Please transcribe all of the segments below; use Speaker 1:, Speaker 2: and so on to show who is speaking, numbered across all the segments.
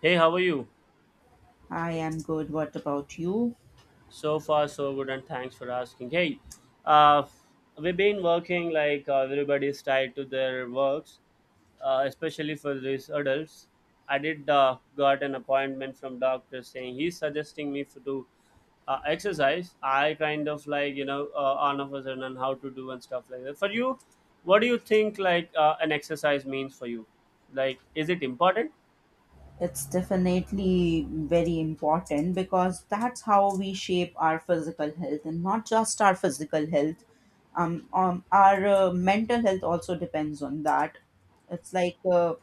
Speaker 1: Hey, how are you?
Speaker 2: I am good. What about you?
Speaker 1: So far, so good, and thanks for asking. Hey, uh, we've been working like everybody's tied to their works, especially for these adults. I did got an appointment from doctor saying he's suggesting me to exercise. I kind of like all of a sudden on how to do and stuff like that. For you, what do you think like an exercise means for you? Like, is it important?
Speaker 2: It's definitely very important because that's how we shape our physical health and not just our physical health. Our mental health also depends on that. It's like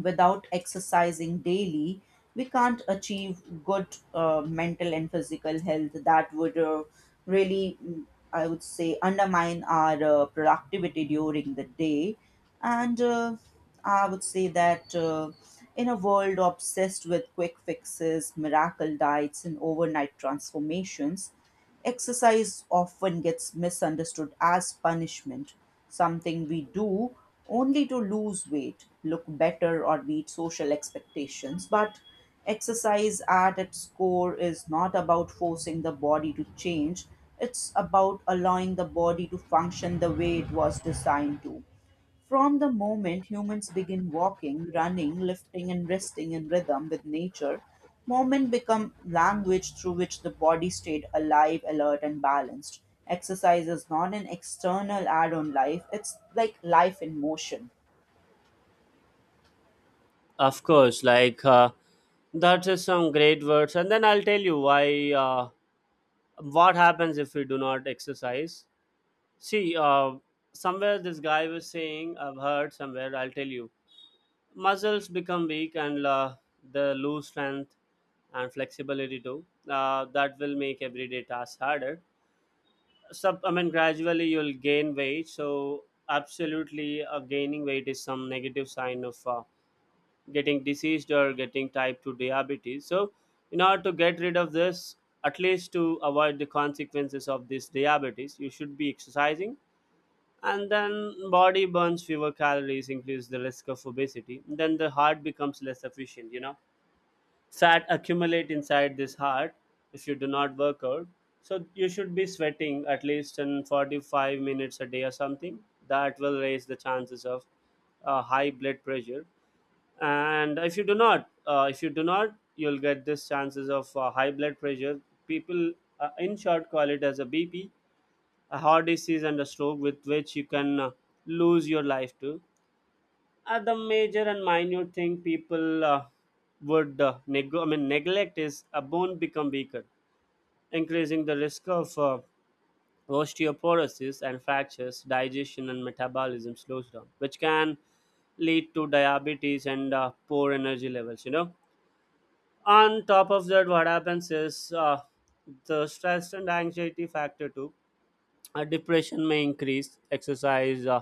Speaker 2: without exercising daily, we can't achieve good mental and physical health that would really, I would say, undermine our productivity during the day. And I would say that in a world obsessed with quick fixes, miracle diets, and overnight transformations, exercise often gets misunderstood as punishment, something we do only to lose weight, look better, or meet social expectations. But exercise at its core is not about forcing the body to change, it's about allowing the body to function the way it was designed to. From the moment humans begin walking, running, lifting, and resting in rhythm with nature, movement become language through which the body stayed alive, alert, and balanced. Exercise is not an external add on life, it's like life in motion.
Speaker 1: Of course, like. That's just some great words, and then I'll tell you why. What happens if we do not exercise? See, somewhere this guy was saying, I've heard somewhere. I'll tell you, muscles become weak and the lose strength and flexibility too. That will make everyday tasks harder. I mean, gradually you'll gain weight. So absolutely, gaining weight is some negative sign of. Getting diseased or getting type 2 diabetes, so in order to get rid of this, at least to avoid the consequences of this diabetes, you should be exercising. And then body burns fewer calories, increase the risk of obesity. Then the heart becomes less efficient, you know, fat accumulate inside this heart if you do not work out. So you should be sweating at least in 45 minutes a day or something. That will raise the chances of high blood pressure and if you do not if you do not you'll get this chances of high blood pressure. People, in short, call it as a bp, a heart disease and a stroke, with which you can lose your life too, are the major and minute thing people I mean, neglect is a bone become weaker, increasing the risk of osteoporosis and fractures. Digestion and metabolism slows down, which can lead to diabetes and poor energy levels, you know. On top of that, what happens is, the stress and anxiety factor too, depression may increase. Exercise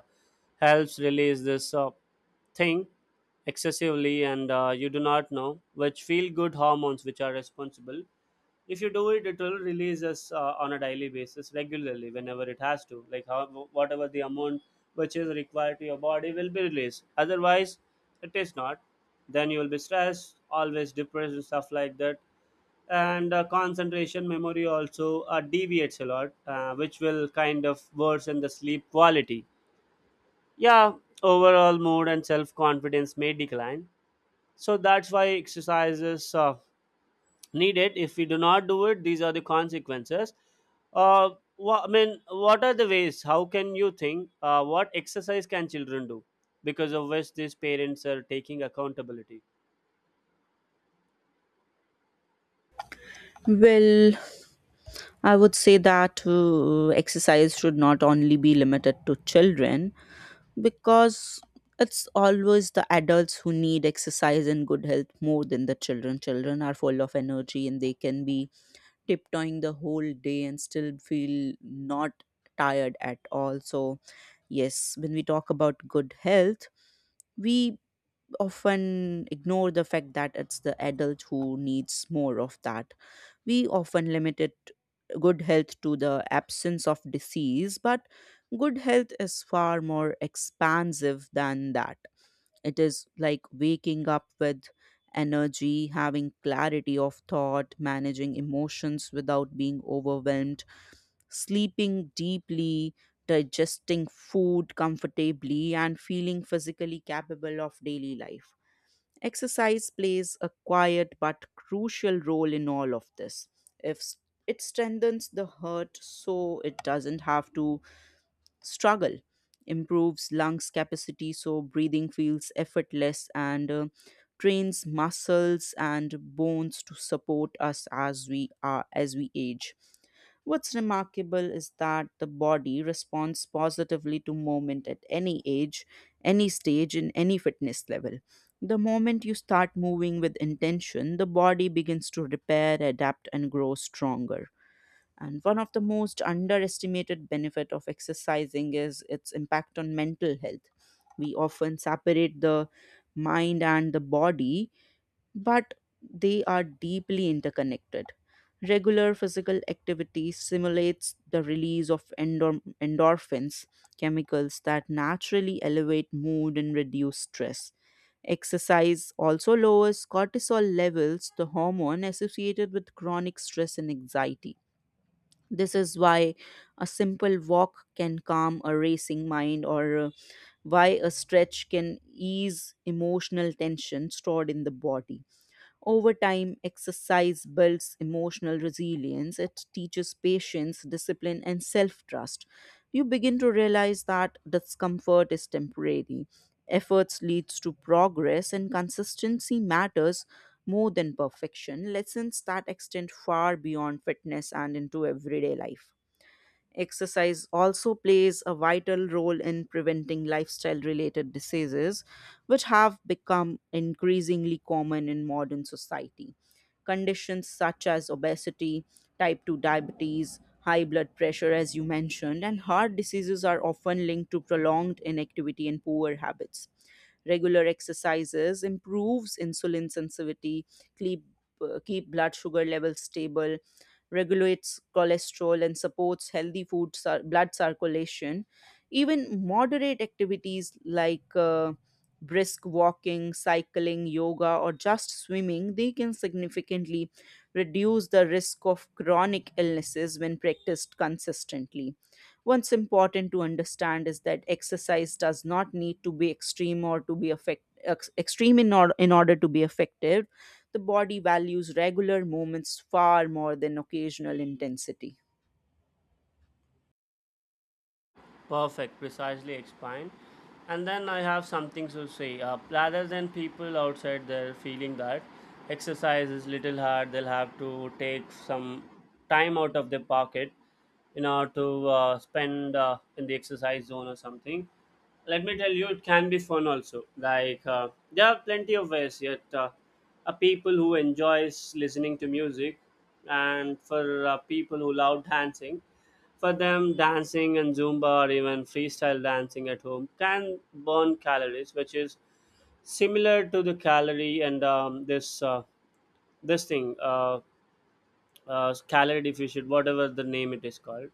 Speaker 1: helps release this thing excessively and you do not know which feel good hormones which are responsible. If you do it, it will release us on a daily basis regularly, whenever it has to, like how whatever the amount which is required to your body will be released. Otherwise, it is not, then you will be stressed always, depressed and stuff like that. And concentration, memory also deviates a lot, which will kind of worsen the sleep quality, yeah. Overall mood and self confidence may decline. So that's why exercise is needed. If we do not do it, these are the consequences. uh, I mean, what are the ways? How can you think, what exercise can children do, because of which these parents are taking accountability?
Speaker 2: Well, I would say that exercise should not only be limited to children because it's always the adults who need exercise and good health more than the children. Children are full of energy and they can be tiptoeing the whole day and still feel not tired at all. So, yes, when we talk about good health, we often ignore the fact that it's the adult who needs more of that. We often limit it good health to the absence of disease, but good health is far more expansive than that. It is like waking up with energy, having clarity of thought, managing emotions without being overwhelmed, sleeping deeply, digesting food comfortably, and feeling physically capable of daily life. Exercise plays a quiet but crucial role in all of this. If s- It strengthens the heart, so it doesn't have to struggle, improves lungs capacity so breathing feels effortless, and trains muscles and bones to support us as we are as we age. What's remarkable is that the body responds positively to movement at any age, any stage, in any fitness level. The moment you start moving with intention, the body begins to repair, adapt, and grow stronger. And one of the most underestimated benefit of exercising is its impact on mental health. We often separate the mind and the body, but they are deeply interconnected. Regular physical activity simulates the release of endorphins, chemicals that naturally elevate mood and reduce stress. Exercise also lowers cortisol levels, the hormone associated with chronic stress and anxiety. This is why a simple walk can calm a racing mind, or why a stretch can ease emotional tension stored in the body. Over time, exercise builds emotional resilience, it teaches patience, discipline, and self trust. You begin to realize that discomfort is temporary. Efforts leads to progress and consistency matters more than perfection. Lessons that extend far beyond fitness and into everyday life. Exercise also plays a vital role in preventing lifestyle related diseases, which have become increasingly common in modern society. Conditions such as obesity, type 2 diabetes, high blood pressure, as you mentioned, and heart diseases are often linked to prolonged inactivity and poor habits. Regular exercises improves insulin sensitivity, keep, keep blood sugar levels stable, regulates cholesterol, and supports healthy blood circulation. Even moderate activities like brisk walking, cycling, yoga, or just swimming, they can significantly reduce the risk of chronic illnesses when practiced consistently. What's important to understand is that exercise does not need to be extreme or to extreme in, or, in order to be effective, the body values regular movements far more than occasional intensity.
Speaker 1: Perfect, precisely explained. And then I have something to say. Rather than people outside there feeling that exercise is little hard, they'll have to take some time out of their pocket in order to spend in the exercise zone or something. Let me tell you, it can be fun also. Like there are plenty of ways. Yet, people who enjoys listening to music, and for people who love dancing, for them, dancing and Zumba or even freestyle dancing at home can burn calories, which is similar to the calorie and this this thing calorie deficient, whatever the name it is called.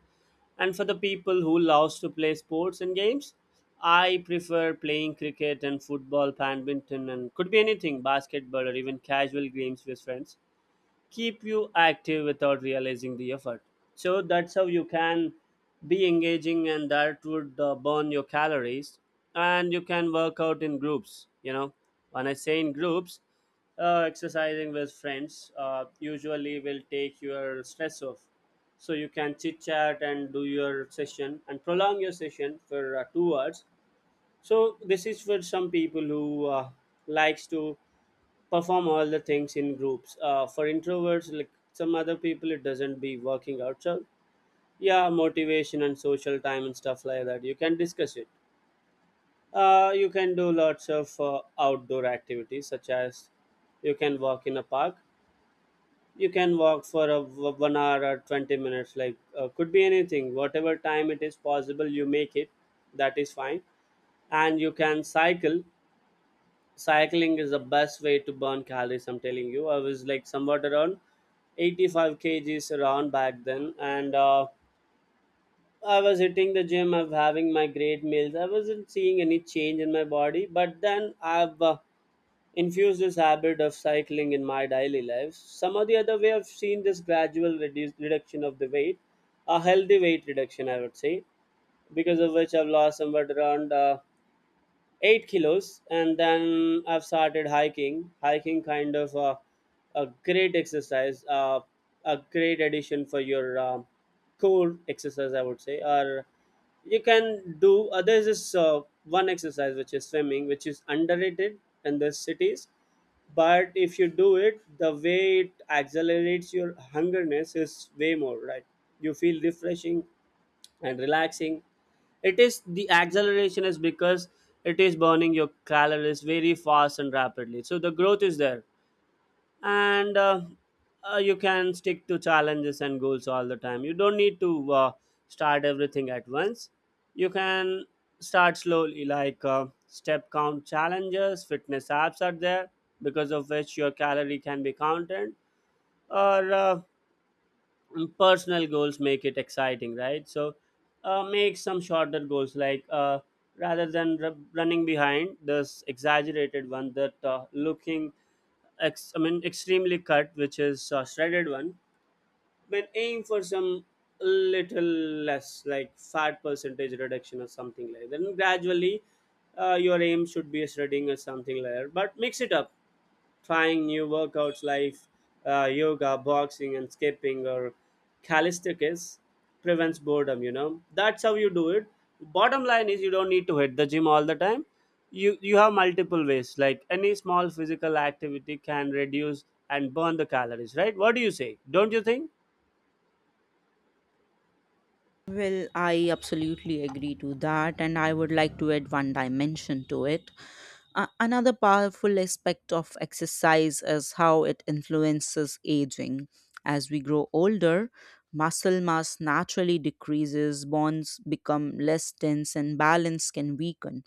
Speaker 1: And for the people who loves to play sports and games, I prefer playing cricket and football, badminton, and could be anything, basketball or even casual games with friends keep you active without realizing the effort. So that's how you can be engaging, and that would burn your calories. And you can work out in groups. You know, when I say in groups, exercising with friends usually will take your stress off. So you can chit chat and do your session and prolong your session for 2 hours. So this is for some people who likes to perform all the things in groups. For introverts, like some other people, it doesn't be working out. So, yeah, motivation and social time and stuff like that. You can discuss it. You can do lots of outdoor activities, such as you can walk in a park. You can walk for 1 hour or 20 minutes, like could be anything. Whatever time it is possible, you make it. That is fine. And you can cycle. Cycling is the best way to burn calories, I'm telling you. I was like somewhat around 85 kgs around back then, and I was hitting the gym, I was having my great meals, I wasn't seeing any change in my body. But then I've infused this habit of cycling in my daily life. Some of the other way, I've seen this reduction of the weight, a healthy weight reduction, I would say, because of which I've lost somewhat around 8 kilos. And then I've started hiking. Hiking, kind of a great exercise, a great addition for your core exercise, I would say. Or you can do, there's this one exercise which is swimming, which is underrated in the cities. But if you do it the way, it accelerates your hungerness is way more, right? You feel refreshing and relaxing. It is, the acceleration is because it is burning your calories very fast and rapidly, so the growth is there. And you can stick to challenges and goals all the time. You don't need to start everything at once. You can start slowly, like step count challenges, fitness apps are there, because of which your calorie can be counted. Or personal goals make it exciting, right? So make some shorter goals, like rather than running behind this exaggerated one that looking, I mean, extremely cut, which is shredded one. But aim for some little less, like fat percentage reduction or something like that. And gradually, your aim should be shredding or something like that. But mix it up, trying new workouts like yoga, boxing, and skipping or calisthenics prevents boredom. You know, that's how you do it. Bottom line is you don't need to hit the gym all the time. You have multiple ways. Like any small physical activity can reduce and burn the calories, right? What do you say? Don't you think?
Speaker 2: Well, I absolutely agree to that, and I would like to add one dimension to it. Another powerful aspect of exercise is how it influences aging. As we grow older, muscle mass naturally decreases, bonds become less tense, and balance can weaken.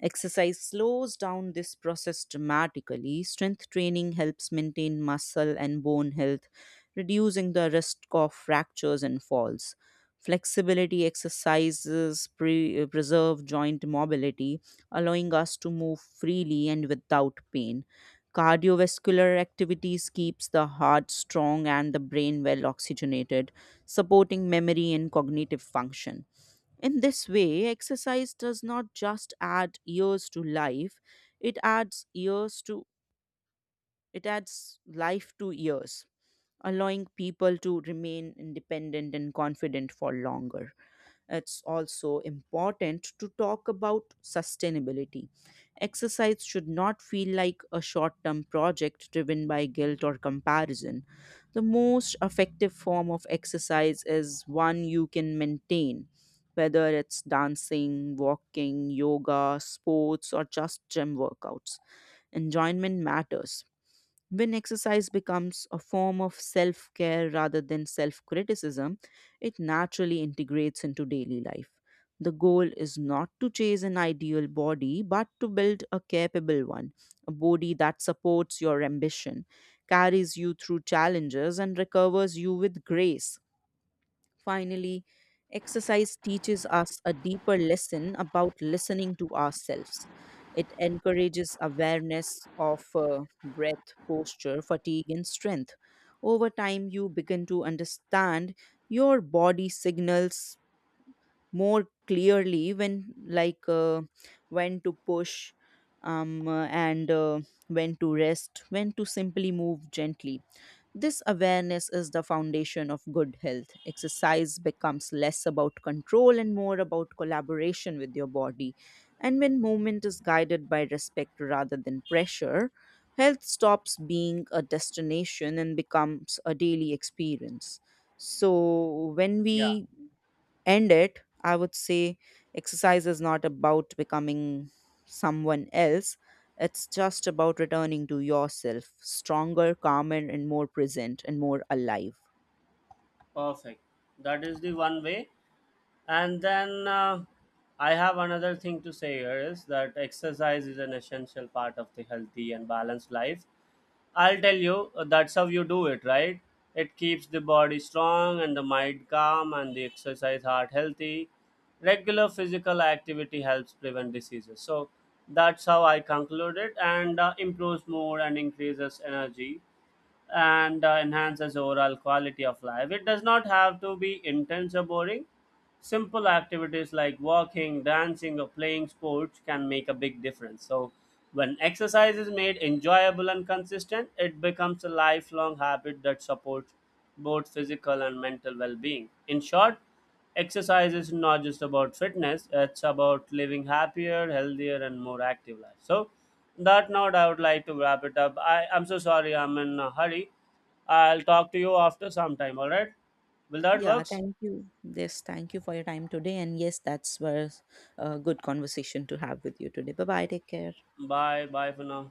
Speaker 2: Exercise slows down this process dramatically. Strength training helps maintain muscle and bone health, reducing the risk of fractures and falls. Flexibility exercises preserve joint mobility, allowing us to move freely and without pain. Cardiovascular activities keeps the heart strong and the brain well oxygenated, supporting memory and cognitive function. In this way, exercise does not just add years to life, it adds years to it adds life to years, allowing people to remain independent and confident for longer. It's also important to talk about sustainability. Exercise should not feel like a short term project driven by guilt or comparison. The most effective form of exercise is one you can maintain, whether it's dancing, walking, yoga, sports, or just gym workouts. Enjoyment matters. When exercise becomes a form of self care rather than self criticism, it naturally integrates into daily life. The goal is not to chase an ideal body, but to build a capable one, a body that supports your ambition, carries you through challenges, and recovers you with grace. Finally, exercise teaches us a deeper lesson about listening to ourselves. It encourages awareness of breath, posture, fatigue, and strength. Over time, you begin to understand your body signals more clearly when, when to push, and when to rest, when to simply move gently. This awareness is the foundation of good health. Exercise becomes less about control and more about collaboration with your body. And when movement is guided by respect rather than pressure, health stops being a destination and becomes a daily experience. So, when
Speaker 1: Yeah,
Speaker 2: we end it, I would say exercise is not about becoming someone else. It's just about returning to yourself, stronger, calmer, and more present and more alive.
Speaker 1: perfect. That is the one way. And then I have another thing to say here is that exercise is an essential part of the healthy and balanced life. I'll tell you, that's how you do it, right? It keeps the body strong and the mind calm and the exercise heart healthy. Regular physical activity helps prevent diseases. So that's how I conclude it, and improves mood and increases energy and enhances overall quality of life. It does not have to be intense or boring. Simple activities like walking, dancing, or playing sports can make a big difference. So, when exercise is made enjoyable and consistent, it becomes a lifelong habit that supports both physical and mental well being. In short, exercise is not just about fitness, it's about living happier, healthier, and more active life. So, that note, I would like to wrap it up. I'm so sorry, I'm in a hurry. I'll talk to you after some time, all right? Will that
Speaker 2: Yeah,
Speaker 1: works?
Speaker 2: thank you. Yes, thank you for your time today. And yes, that's was a good conversation to have with you today. Bye bye. Take care.
Speaker 1: Bye, bye for now.